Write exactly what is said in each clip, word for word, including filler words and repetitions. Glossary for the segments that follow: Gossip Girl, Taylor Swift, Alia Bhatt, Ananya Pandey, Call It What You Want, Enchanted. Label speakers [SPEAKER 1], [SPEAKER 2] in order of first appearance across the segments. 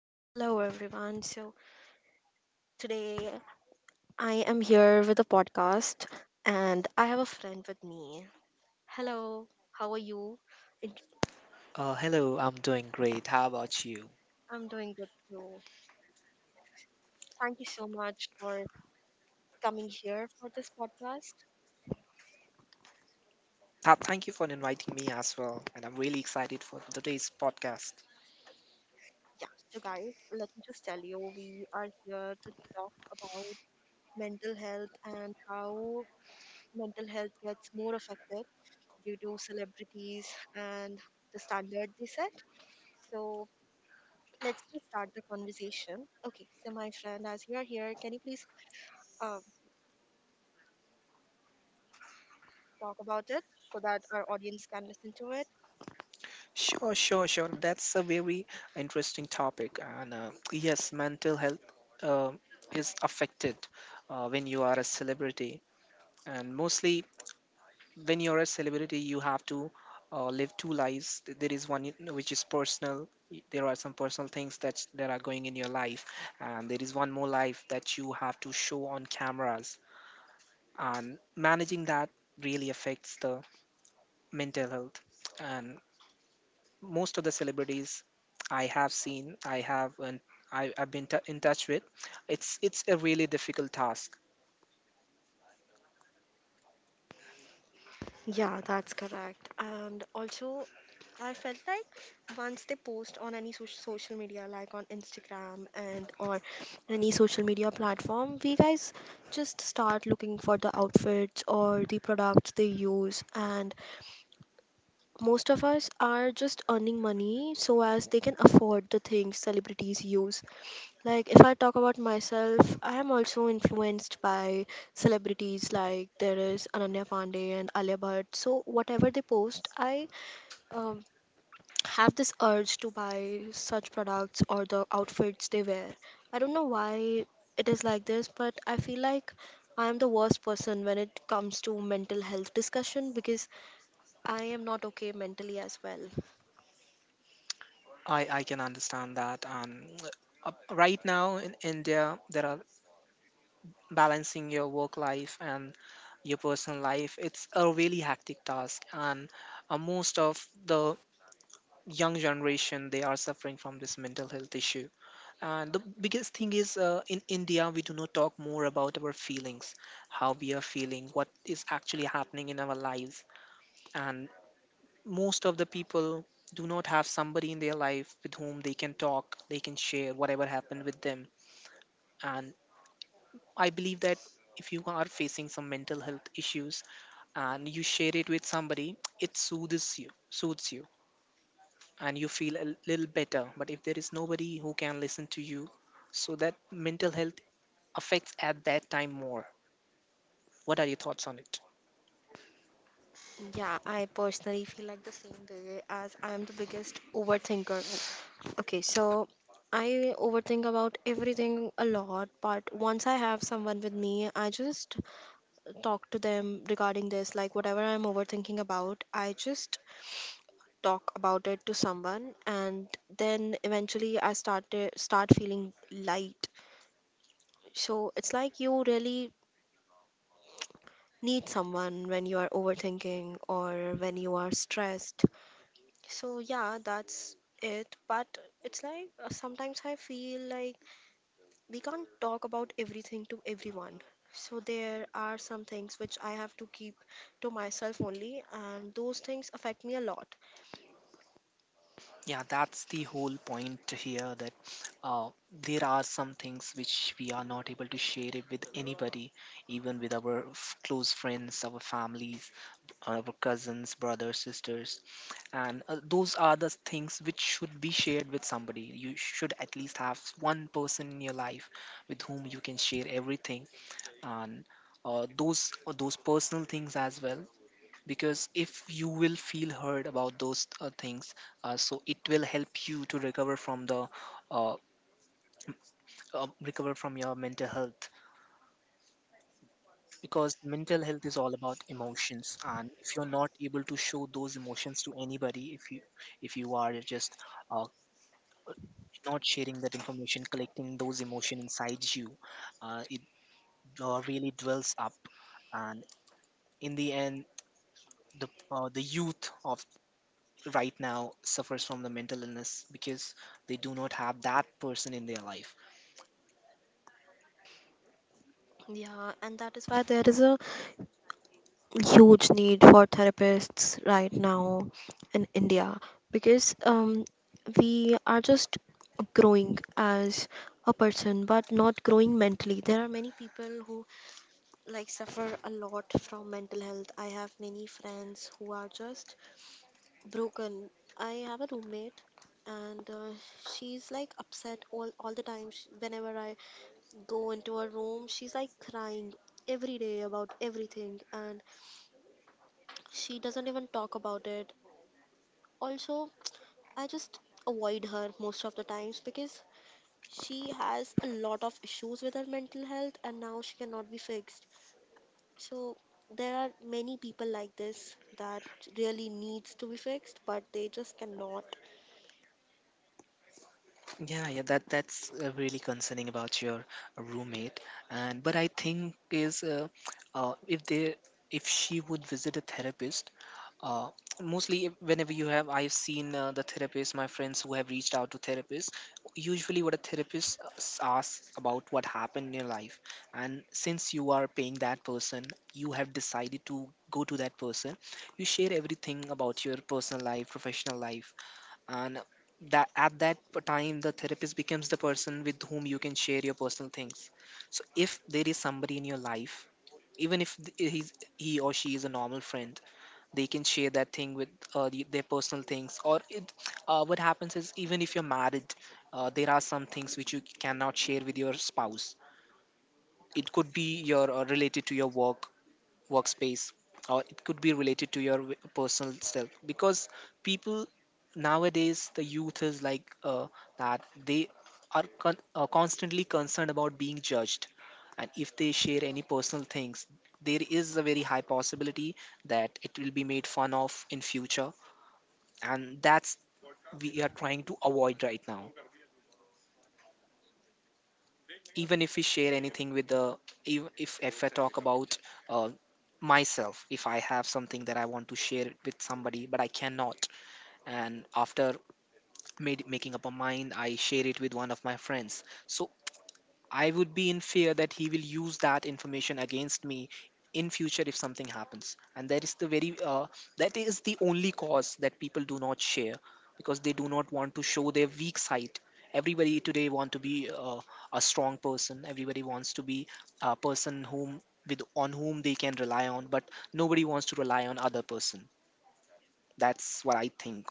[SPEAKER 1] Hello, everyone. So, today I am here with a podcast, and I have a friend with me. Hello, how are you? It-
[SPEAKER 2] Uh, hello, I'm doing great. How about you?
[SPEAKER 1] I'm doing good too. Thank you so much for coming here for this podcast.
[SPEAKER 2] Uh, thank you for inviting me as well, and I'm really excited for today's podcast.
[SPEAKER 1] Yeah, so, guys, let me just tell you we are here to talk about mental health and how mental health gets more affected due to celebrities and the standard they set. So, let's just start the conversation. Okay, so my friend, as you are here, can you please uh, talk about it so that our audience can listen to it?
[SPEAKER 2] Sure, sure, sure. That's a very interesting topic, and uh, yes, mental health uh, is affected uh, when you are a celebrity, and mostly when you're a celebrity, you have to uh, live two lives. Th- There is one you which is personal. y- There are some personal things that that are going in your life, and there is one more life that you have to show on cameras and managing that really affects the mental health, and most of the celebrities I have seen I have and I, i've been t- in touch with. It's it's a really difficult task.
[SPEAKER 1] Yeah, that's correct. And also, I felt like once they post on any soc- social media, like on Instagram and or any social media platform, we guys just start looking for the outfits or the products they use, and most of us are just earning money so as they can afford the things celebrities use. Like, if I talk about myself, I am also influenced by celebrities like there is Ananya Pandey and Alia Bhatt. So, whatever they post, I um, have this urge to buy such products or the outfits they wear. I don't know why it is like this, but I feel like I am the worst person when it comes to mental health discussion because I am not okay mentally as well.
[SPEAKER 2] I i can understand that. And uh, right now in India, there are, balancing your work life and your personal life, it's a really hectic task. And uh, most of the young generation, they are suffering from this mental health issue. And the biggest thing is, uh, in India, we do not talk more about our feelings, how we are feeling, what is actually happening in our lives. And most of the people do not have somebody in their life with whom they can talk, they can share whatever happened with them. And I believe that if you are facing some mental health issues and you share it with somebody, it soothes you, soothes you, and you feel a little better. But if there is nobody who can listen to you, so that mental health affects at that time more. What are your thoughts on it?
[SPEAKER 1] Yeah, I personally feel like the same way as I am the biggest overthinker. Okay, so I overthink about everything a lot, but once I have someone with me, I just talk to them regarding this. Like, whatever I'm overthinking about, I just talk about it to someone, and then eventually I start start feeling light. So it's like you really need someone when you are overthinking or when you are stressed. So yeah, that's it. But it's like uh, sometimes I feel like we can't talk about everything to everyone. So there are some things which I have to keep to myself only, and those things affect me a lot.
[SPEAKER 2] Yeah, that's the whole point here, that uh, there are some things which we are not able to share it with anybody, even with our f- close friends, our families, our cousins, brothers, sisters. And uh, those are the things which should be shared with somebody. You should at least have one person in your life with whom you can share everything. And uh, those uh, those personal things as well, because if you will feel hurt about those uh, things, uh, so it will help you to recover from the uh, uh, recover from your mental health, because mental health is all about emotions. And if you're not able to show those emotions to anybody, if you if you are just uh, not sharing that information, collecting those emotion inside you, uh, it uh, really dwells up. And in the end, the uh, the youth of right now suffers from the mental illness because they do not have that person in their life.
[SPEAKER 1] Yeah, and that is why there is a huge need for therapists right now in India because um, we are just growing as a person but not growing mentally. There are many people who like suffer a lot from mental health. I have many friends who are just broken. I have a roommate, and uh, she's like upset all all the time. Sh- whenever I go into her room, she's like crying every day about everything, and she doesn't even talk about it also. I just avoid her most of the times because she has a lot of issues with her mental health, and now she cannot be fixed. So there are many people like this that really needs to be fixed, but they just cannot.
[SPEAKER 2] Yeah, yeah, that that's uh, really concerning about your roommate. And but I think is, uh, uh, if they, if she would visit a therapist, uh, mostly if- whenever you have, I've seen uh, the therapists, my friends who have reached out to therapists, usually what a therapist uh, s- asks about what happened in your life. And since you are paying that person, you have decided to go to that person, you share everything about your personal life, professional life. And that at that p- time, the therapist becomes the person with whom you can share your personal things. So if there is somebody in your life, even if th- he's, he or she is a normal friend, they can share that thing with uh, the, their personal things. Or it, uh, what happens is, even if you're married, uh, there are some things which you cannot share with your spouse. It could be your uh, related to your work, workspace, or it could be related to your w- personal self, because people nowadays, the youth is like uh, that they are con- uh, constantly concerned about being judged. And if they share any personal things, there is a very high possibility that it will be made fun of in future. And that's we are trying to avoid right now. Even if we share anything with the, if if, if I talk about uh, myself, if I have something that I want to share it with somebody but I cannot, and after made, making up a mind I share it with one of my friends, so I would be in fear that he will use that information against me in future if something happens. And that is the very uh, that is the only cause that people do not share, because they do not want to show their weak side. Everybody today want to be uh, a strong person. Everybody wants to be a person whom, with on whom they can rely on, but nobody wants to rely on other person. That's what I think.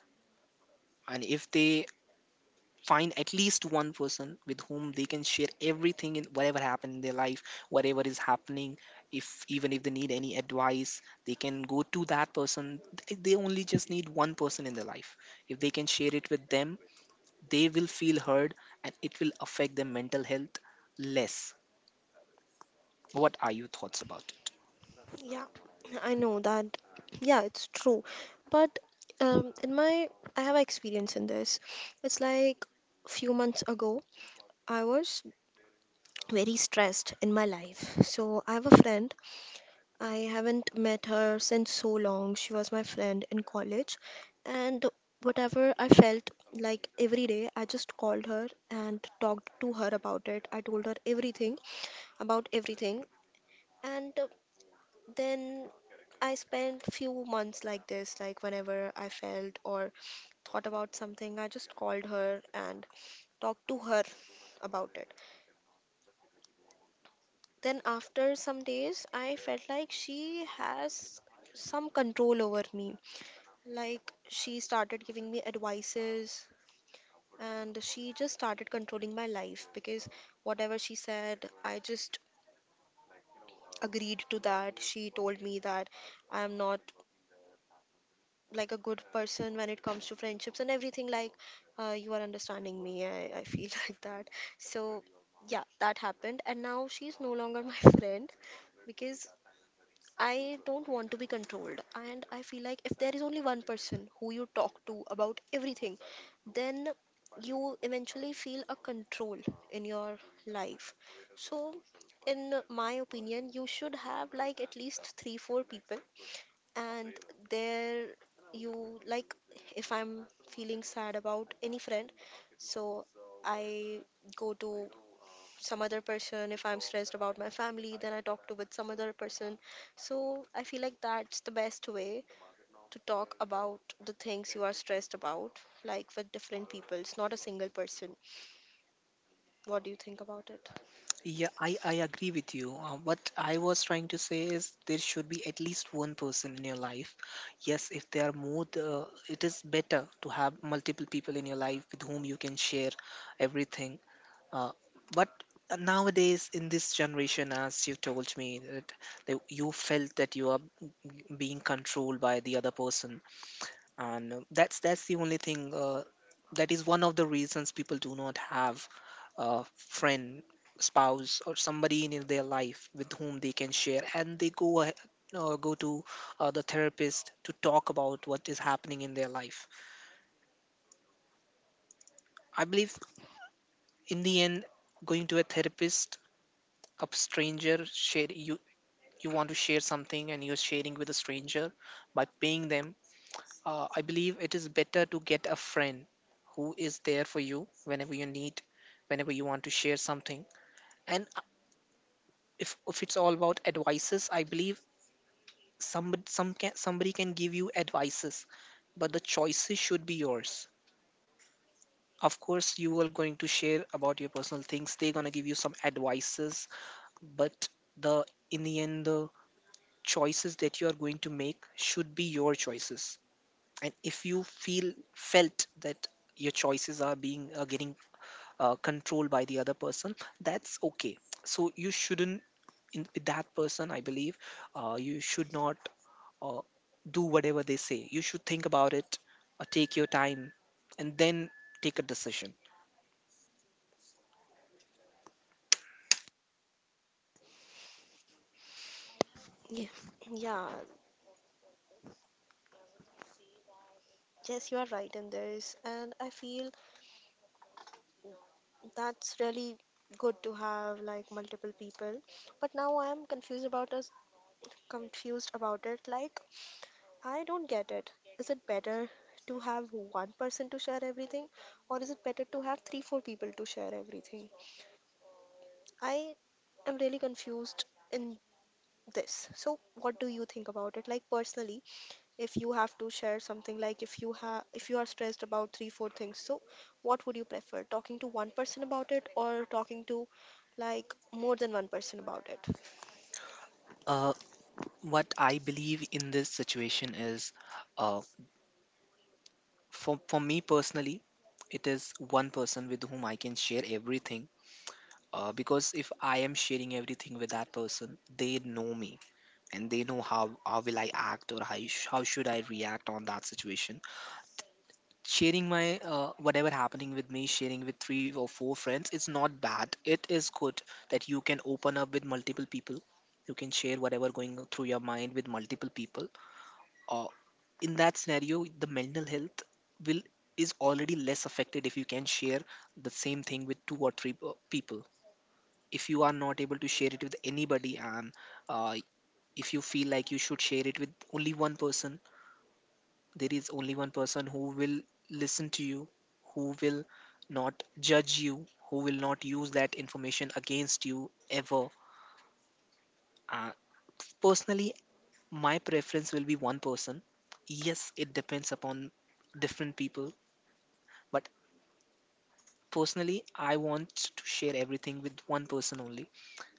[SPEAKER 2] And if they find at least one person with whom they can share everything in whatever happened in their life, whatever is happening, if even if they need any advice, they can go to that person. Th- they only just need one person in their life, if they can share it with them, they will feel heard, and it will affect their mental health less. What are your thoughts about it?
[SPEAKER 1] Yeah, I know that. Yeah, it's true. But um, in my, I have experience in this. It's like few months ago, I was very stressed in my life. So I have a friend. I haven't met her since so long. She was my friend in college. And whatever I felt like every day, I just called her and talked to her about it. I told her everything about everything. And then I spent few months like this, like whenever I felt or thought about something, I just called her and talked to her about it. Then after some days, I felt like she has some control over me. Like, she started giving me advices, and she just started controlling my life because whatever she said, I just agreed to that. She told me that I am not like a good person when it comes to friendships and everything, like, uh, you are understanding me. I, I feel like that. So yeah, that happened, and now she's no longer my friend because I don't want to be controlled. And I feel like if there is only one person who you talk to about everything, then you eventually feel a control in your life. So in my opinion, you should have like at least 3 4 people. And there you like, if I'm feeling sad about any friend, so I go to some other person. If I'm stressed about my family, then I talk to with some other person. So I feel like that's the best way to talk about the things you are stressed about, like with different people. It's not a single person. What do you think about it?
[SPEAKER 2] Yeah, I, I agree with you. Uh, what I was trying to say is there should be at least one person in your life. Yes, if there are more, the, it is better to have multiple people in your life with whom you can share everything. Uh, but nowadays, in this generation, as you told me, that the- you felt that you are being controlled by the other person, and uh, that's that's the only thing, uh, that is one of the reasons people do not have a friend, spouse, or somebody in their life with whom they can share, and they go ahead, uh, go to uh, the therapist to talk about what is happening in their life. I believe in the end, going to a therapist, a stranger, share you, you want to share something and you're sharing with a stranger by paying them. Uh, I believe it is better to get a friend who is there for you whenever you need, whenever you want to share something. And uh, if, if it's all about advices, I believe somebody, some can, somebody can give you advices, but the choices should be yours. Of course, you are going to share about your personal things. They're going to give you some advices, but the in the end, the choices that you are going to make should be your choices. And if you feel felt that your choices are being, are getting uh, controlled by the other person, that's okay. So you shouldn't, in, with that person, I believe uh, you should not uh, do whatever they say. You should think about it, uh, take your time, and then take a decision.
[SPEAKER 1] Yeah, yeah, yes, you are right in this, and I feel that's really good to have like multiple people. But now I'm confused about us confused about it. Like, I don't get it. Is it better to have one person to share everything, or is it better to have three four people to share everything? I am really confused in this. So what do you think about it? Like, personally, if you have to share something, like if you have if you are stressed about three four things, so what would you prefer, talking to one person about it or talking to like more than one person about it?
[SPEAKER 2] Uh, what I believe in this situation is, uh, for for me personally, it is one person with whom I can share everything. Uh, because if I am sharing everything with that person, they know me, and they know how how will I act, or how sh- how should I react on that situation. Sharing my uh, whatever happening with me, sharing with three or four friends, it's not bad. It is good that you can open up with multiple people. You can share whatever going through your mind with multiple people. Uh, in that scenario, the mental health will is already less affected if you can share the same thing with two or three uh, people. If you are not able to share it with anybody, and uh, if you feel like you should share it with only one person, there is only one person who will listen to you, who will not judge you, who will not use that information against you ever. Uh, Personally, my preference will be one person. Yes, it depends upon different people, but personally, I want to share everything with one person only.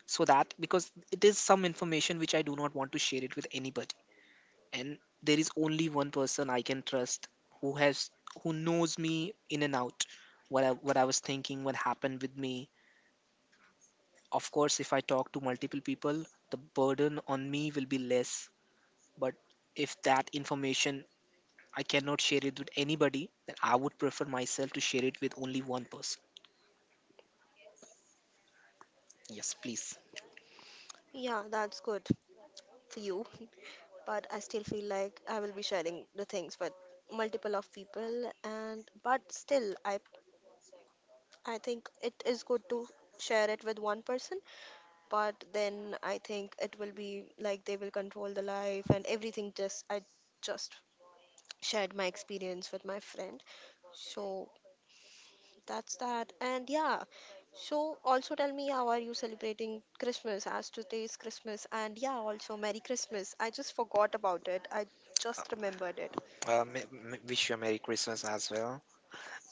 [SPEAKER 2] So that because it is some information which I do not want to share it with anybody. And there is only one person I can trust, who has, who knows me in and out, what I, what I was thinking, what happened with me. Of course if I talk to multiple people, the burden on me will be less, but if that information I cannot share it with anybody, then I would prefer myself to share it with only one person. Yes, please.
[SPEAKER 1] Yeah, that's good for you, but I still feel like I will be sharing the things with multiple of people, and but still i i think it is good to share it with one person. But then I think it will be like they will control the life and everything. Just i just shared my experience with my friend. So that's that. And yeah, so also tell me, how are you celebrating Christmas as today's Christmas? And yeah, also Merry Christmas. I just forgot about it. I just remembered it.
[SPEAKER 2] Uh, m- m- wish you a Merry Christmas as well.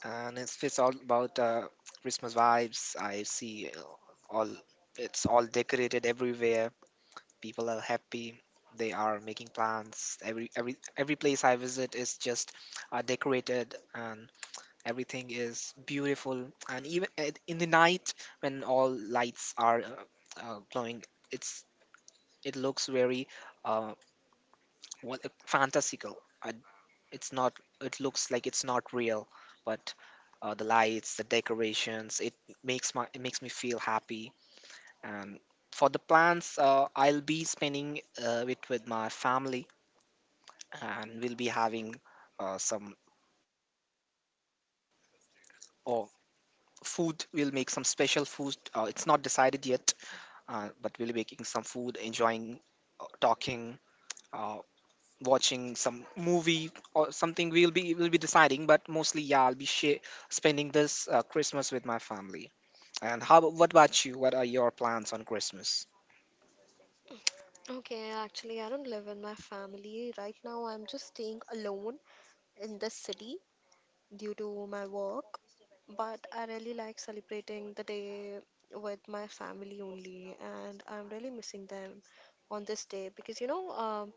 [SPEAKER 2] And it's, it's all about uh, Christmas vibes. I see uh, all, it's all decorated everywhere. People are happy. They are making plans. Every every every place I visit is just uh, decorated, and everything is beautiful. And even at, in the night, when all lights are uh, uh, glowing, it's it looks very uh, what eh, fantastical. Uh, it's not. It looks like it's not real, but uh, the lights, the decorations, it makes my it makes me feel happy. And for the plans, uh, I'll be spending uh, it with my family, and we'll be having uh, some oh, food. We'll make some special food. Uh, it's not decided yet, uh, but we'll be making some food, enjoying, uh, talking, uh, watching some movie or something. We'll be we'll be deciding, but mostly yeah, I'll be sh- spending this uh, Christmas with my family. And how? abo- What about you? What are your plans on Christmas?
[SPEAKER 1] Okay, actually, I don't live with my family. Right now, I'm just staying alone in this city due to my work. But I really like celebrating the day with my family only, and I'm really missing them on this day because you know, um,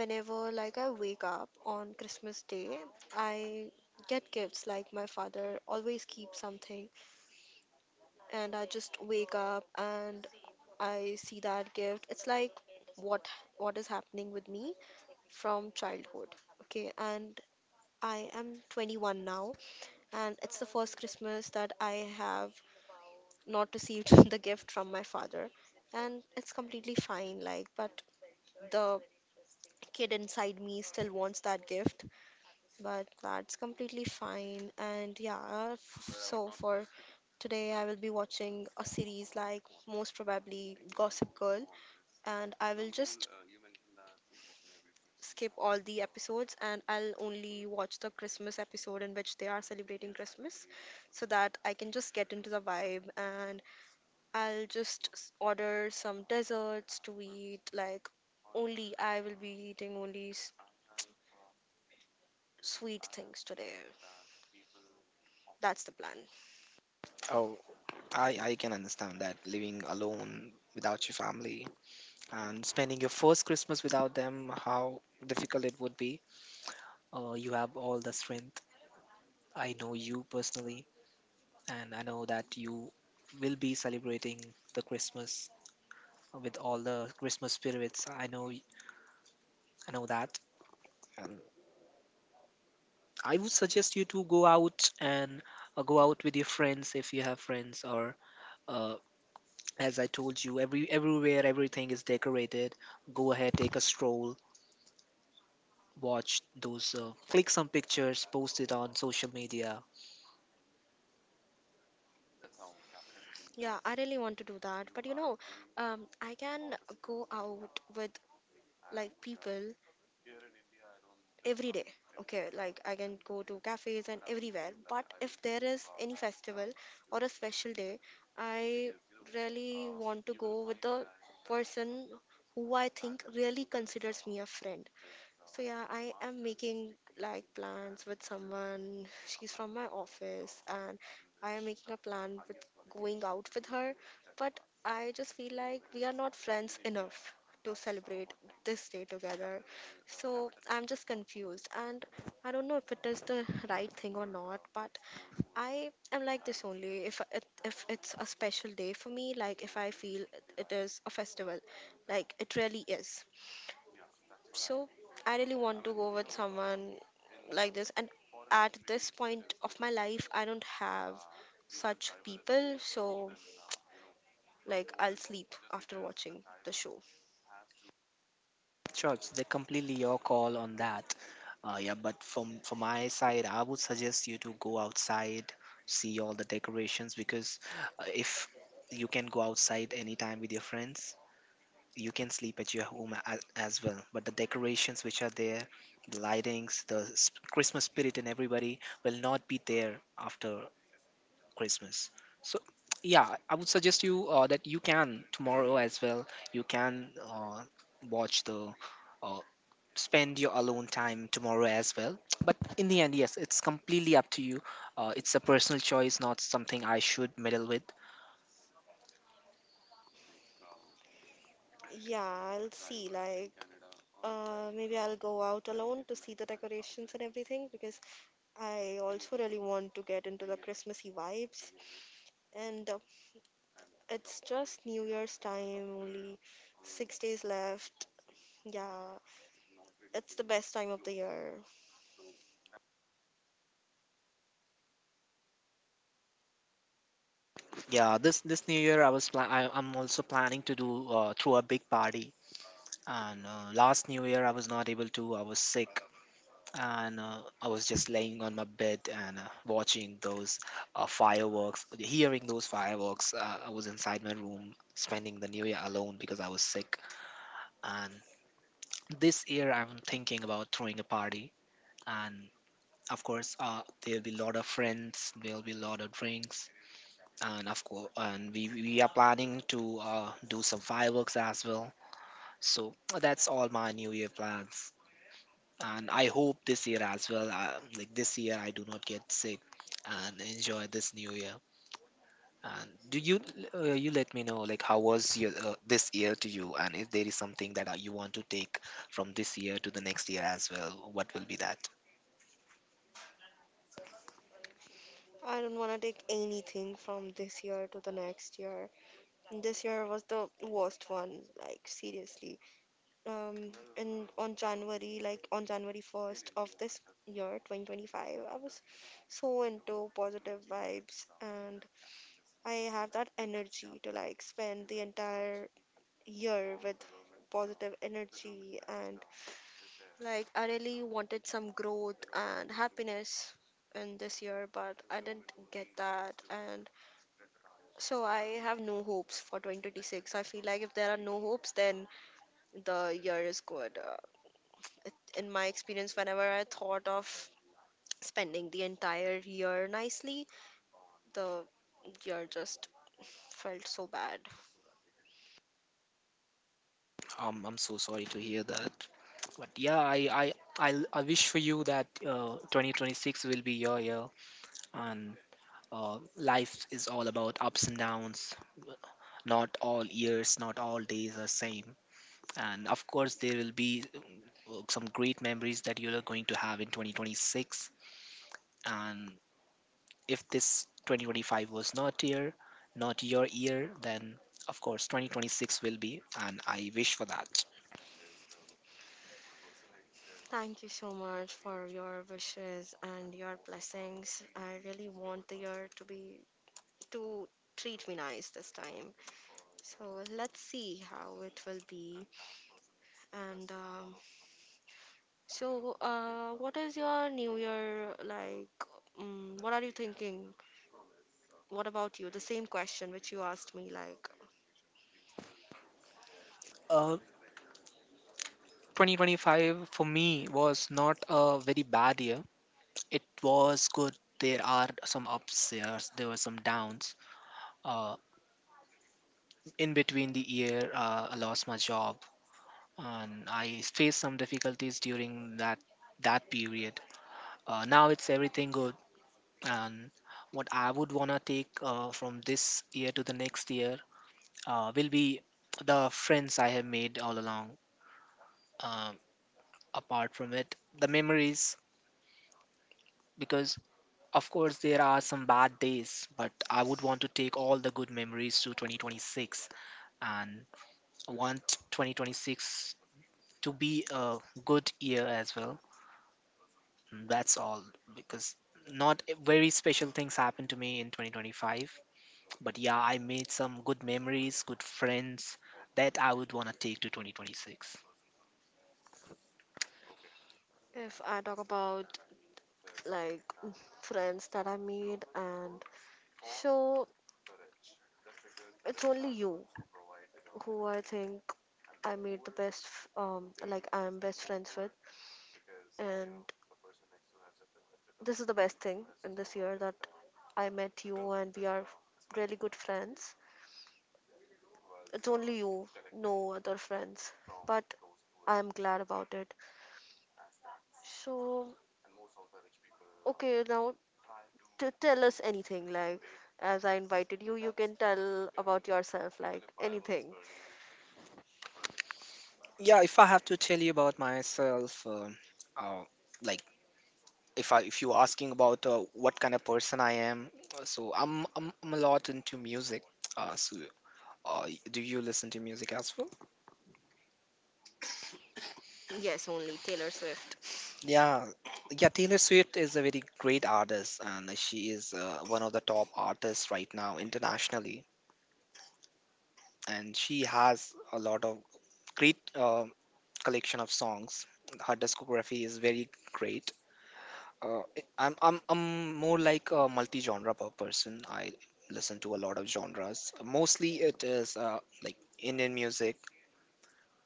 [SPEAKER 1] whenever like I wake up on Christmas Day, I get gifts like my father always keeps something, and I just wake up and I see that gift. It's like what what is happening with me from childhood. Okay, and I am twenty-one now, and it's the first Christmas that I have not received the gift from my father, and it's completely fine, like, but the kid inside me still wants that gift. But that's completely fine. And yeah, f- so for today, I will be watching a series, like most probably Gossip Girl, and I will just skip all the episodes and I'll only watch the Christmas episode in which they are celebrating Christmas so that I can just get into the vibe, and I'll just s- order some desserts to eat. Like, only I will be eating only s- sweet things today. That's the plan.
[SPEAKER 2] Oh, I I can understand that living alone without your family and spending your first Christmas without them, how difficult it would be. Uh, you have all the strength. I know you personally, and I know that you will be celebrating the Christmas with all the Christmas spirits. I know, y- I know that. And I would suggest you to go out and uh, go out with your friends if you have friends, or uh, as I told you, every everywhere everything is decorated. Go ahead, take a stroll, watch those, uh, click some pictures, post it on social media.
[SPEAKER 1] Yeah, I really want to do that. But you know, um, I can go out with like people every day. Okay, like I can go to cafes and everywhere. But if there is any festival or a special day, I really want to go with the person who I think really considers me a friend. So yeah, I am making like plans with someone. She's from my office, and I am making a plan with going out with her, but I just feel like we are not friends enough to celebrate this day together. So I'm just confused, and I don't know if it is the right thing or not, but I am like this only if it, if it's a special day for me, like if I feel it it is a festival, like it really is. So I really want to go with someone like this. And at this point of my life, I don't have such people. So, like, I'll sleep after watching the show.
[SPEAKER 2] Sure, it's they completely your call on that. Uh, yeah, but from from my side, I would suggest you to go outside, see all the decorations because uh, if you can go outside anytime with your friends, you can sleep at your home as, as well. But the decorations which are there, the lightings, the s- Christmas spirit and everybody will not be there after Christmas. So yeah, I would suggest you uh, that you can tomorrow as well. You can uh, watch the. Uh, spend your alone time tomorrow as well. But in the end, yes, it's completely up to you. Uh, it's a personal choice, not something I should meddle with.
[SPEAKER 1] Yeah, I'll see. Like, uh, maybe I'll go out alone to see the decorations and everything because I also really want to get into the Christmassy vibes. And uh, it's just New Year's time, only six days left. Yeah, it's the best time of the year.
[SPEAKER 2] Yeah, this this New Year I was pla- I, I'm also planning to do uh, through a big party. And uh, last New Year I was not able to. I was sick, and uh, I was just laying on my bed and uh, watching those uh, fireworks, hearing those fireworks. Uh, I was inside my room spending the New Year alone because I was sick. And this year I'm thinking about throwing a party, and of course uh, there'll be a lot of friends, there'll be a lot of drinks, and of course and we we are planning to uh, do some fireworks as well, so that's all my new year plans. And I hope this year as well, uh, like this year I do not get sick and enjoy this new year. And do you, uh, you let me know like how was your uh, this year to you, and if there is something that uh, you want to take from this year to the next year as well, what will be that?
[SPEAKER 1] I don't want to take anything from this year to the next year. This year was the worst one, like seriously. Um, and on January, like on January first of this year, twenty twenty-five, I was so into positive vibes, and I have that energy to like spend the entire year with positive energy, and like I really wanted some growth and happiness in this year, but I didn't get that. And so I have no hopes for two thousand twenty-six. I feel like if there are no hopes, then the year is good. Uh, it, in my experience, whenever I thought of spending the entire year nicely, the year just felt so bad.
[SPEAKER 2] um, I'm so sorry to hear that. But yeah, I I I, I wish for you that uh, twenty twenty-six will be your year, and uh, life is all about ups and downs. Not all years, not all days are same. And of course, there will be uh, some great memories that you are going to have in twenty twenty-six. And if this twenty twenty-five was not year, not your year, then of course twenty twenty-six will be. And I wish for that.
[SPEAKER 1] Thank you so much for your wishes and your blessings. I really want the year to be to treat me nice this time. So let's see how it will be. And um, so, uh, what is your new year like? Um, what are you thinking? What about you? The same question which you asked me, like,
[SPEAKER 2] Uh, twenty twenty-five for me was not a very bad year. It was good. There are some upstairs, there were some downs. Uh, in between the year, uh, I lost my job, and I faced some difficulties during that that period. Uh, now it's everything good, and what I would wanna take uh, from this year to the next year uh, will be the friends I have made all along. Um Apart from it, the memories, because of course, there are some bad days, but I would want to take all the good memories to twenty twenty-six. And I want twenty twenty-six to be a good year as well. That's all, because not e, very special things happened to me in twenty twenty-five, but yeah, I made some good memories, good friends that I would want to take to twenty twenty-six.
[SPEAKER 1] if I talk about like friends that I made, and so it's only you who I think I made the best, f- um, like I'm best friends with, and this is the best thing in this year that I met you, and we are really good friends. It's only you, no other friends, but I am glad about it. So, okay, now to tell us anything. Like, as I invited you, you can tell about yourself, like anything.
[SPEAKER 2] Yeah, if I have to tell you about myself, um uh, like if I if you're asking about uh, what kind of person I am, uh, so I'm I'm, I'm a lot into music. Uh, so uh, do you listen to music as well?
[SPEAKER 1] Swift.
[SPEAKER 2] Yeah, yeah. Taylor Swift is a very great artist, and she is uh, one of the top artists right now internationally. And she has a lot of great uh, collection of songs. Her discography is very great. Uh, I'm I'm I'm more like a multi-genre per- person. I listen to a lot of genres. Mostly it is uh, like Indian music.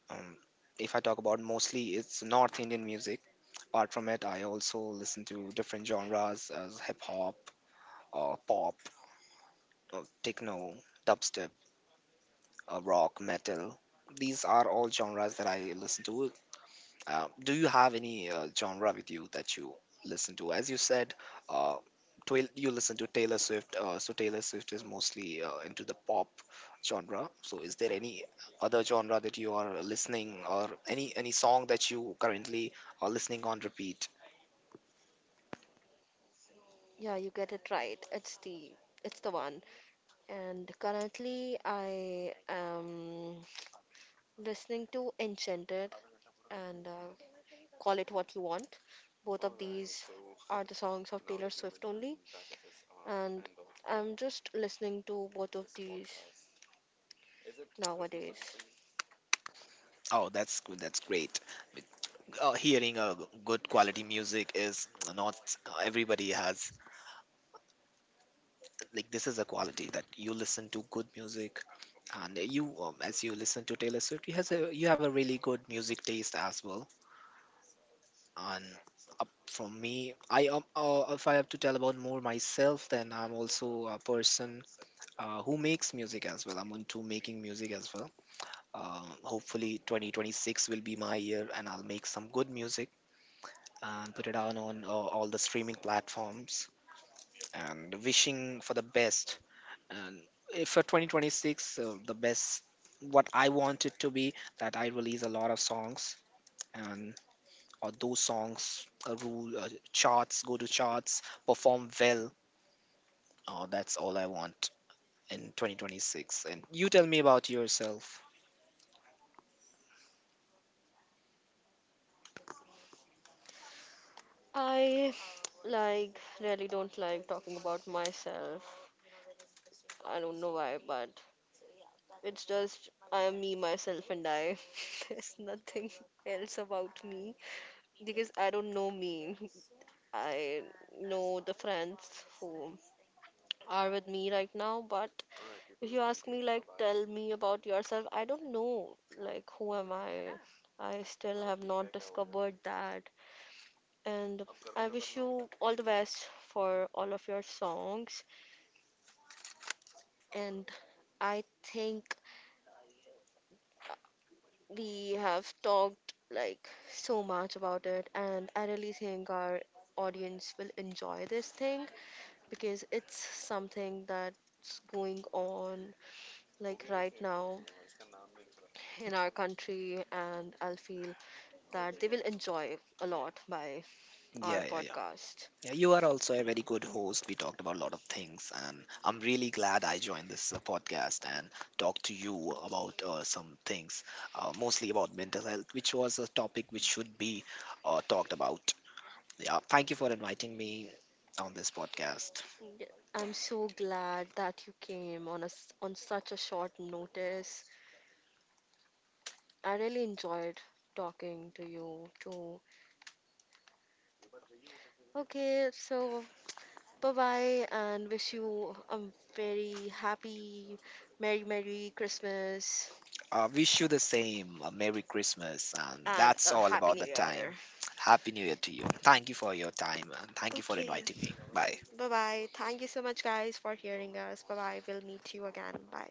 [SPEAKER 2] Um, if I talk about, mostly it's North Indian music. Apart from it, I also listen to different genres as hip hop, uh, pop, uh, techno, dubstep, uh, rock, metal. These are all genres that I listen to. Uh, do you have any uh, genre with you that you listen to? As you said, uh, twi- you listen to Taylor Swift. Uh, so Taylor Swift is mostly uh, into the pop genre. So is there any other genre that you are listening, or any any song that you currently are listening on repeat?
[SPEAKER 1] Yeah, you get it right. It's the it's the one. And currently, I am listening to Enchanted and uh, Call It What You Want. Both of these are the songs of Taylor Swift only, and I'm just listening to both of these nowadays.
[SPEAKER 2] Oh, that's good. That's great. Uh, hearing a good quality music is not everybody has, like this is a quality that you listen to good music. And you, um, as you listen to Taylor Swift, you has a you have a really good music taste as well. And up from me, I um, uh, if I have to tell about more myself, then I'm also a person uh, who makes music as well. I'm into making music as well. Uh, hopefully twenty twenty-six will be my year and I'll make some good music and put it out on uh, all the streaming platforms, and wishing for the best. And if for twenty twenty-six, uh, the best what I want it to be, that I release a lot of songs, and or those songs uh, rule uh, charts, go to charts, perform well. Uh, that's all I want in twenty twenty-six. And you tell me about yourself.
[SPEAKER 1] I like really don't like talking about myself. I don't know why, but it's just I am me, myself, and I. There's nothing else about me because I don't know me. I know the friends who are with me right now, but if you ask me, like, tell me about yourself, I don't know. Like, who am I? I still have not discovered that. And I wish you all the best for all of your songs. And I think we have talked like so much about it, and I really think our audience will enjoy this thing because it's something that's going on like right now in our country, and I'll feel that they will enjoy a lot by our
[SPEAKER 2] Yeah yeah
[SPEAKER 1] podcast.
[SPEAKER 2] yeah, you are also a very good host. We talked about a lot of things, and I'm really glad I joined this uh, podcast and talked to you about uh, some things, uh, mostly about mental health, which was a topic which should be uh, talked about. Yeah, thank you for inviting me on this podcast.
[SPEAKER 1] Yeah, I'm so glad that you came on us on such a short notice. I really enjoyed talking to you too. Okay, so bye bye, and wish you a very happy, merry, merry Christmas
[SPEAKER 2] Uh, wish you the same. Uh, Merry Christmas, and
[SPEAKER 1] and
[SPEAKER 2] that's
[SPEAKER 1] a
[SPEAKER 2] all
[SPEAKER 1] happy
[SPEAKER 2] about
[SPEAKER 1] new
[SPEAKER 2] the
[SPEAKER 1] year.
[SPEAKER 2] time. Happy New Year to you. Thank you for your time, and thank you for
[SPEAKER 1] Okay,
[SPEAKER 2] inviting me. Bye.
[SPEAKER 1] bye bye. Thank you so much, guys, for hearing us. Bye bye. We'll meet you again. Bye.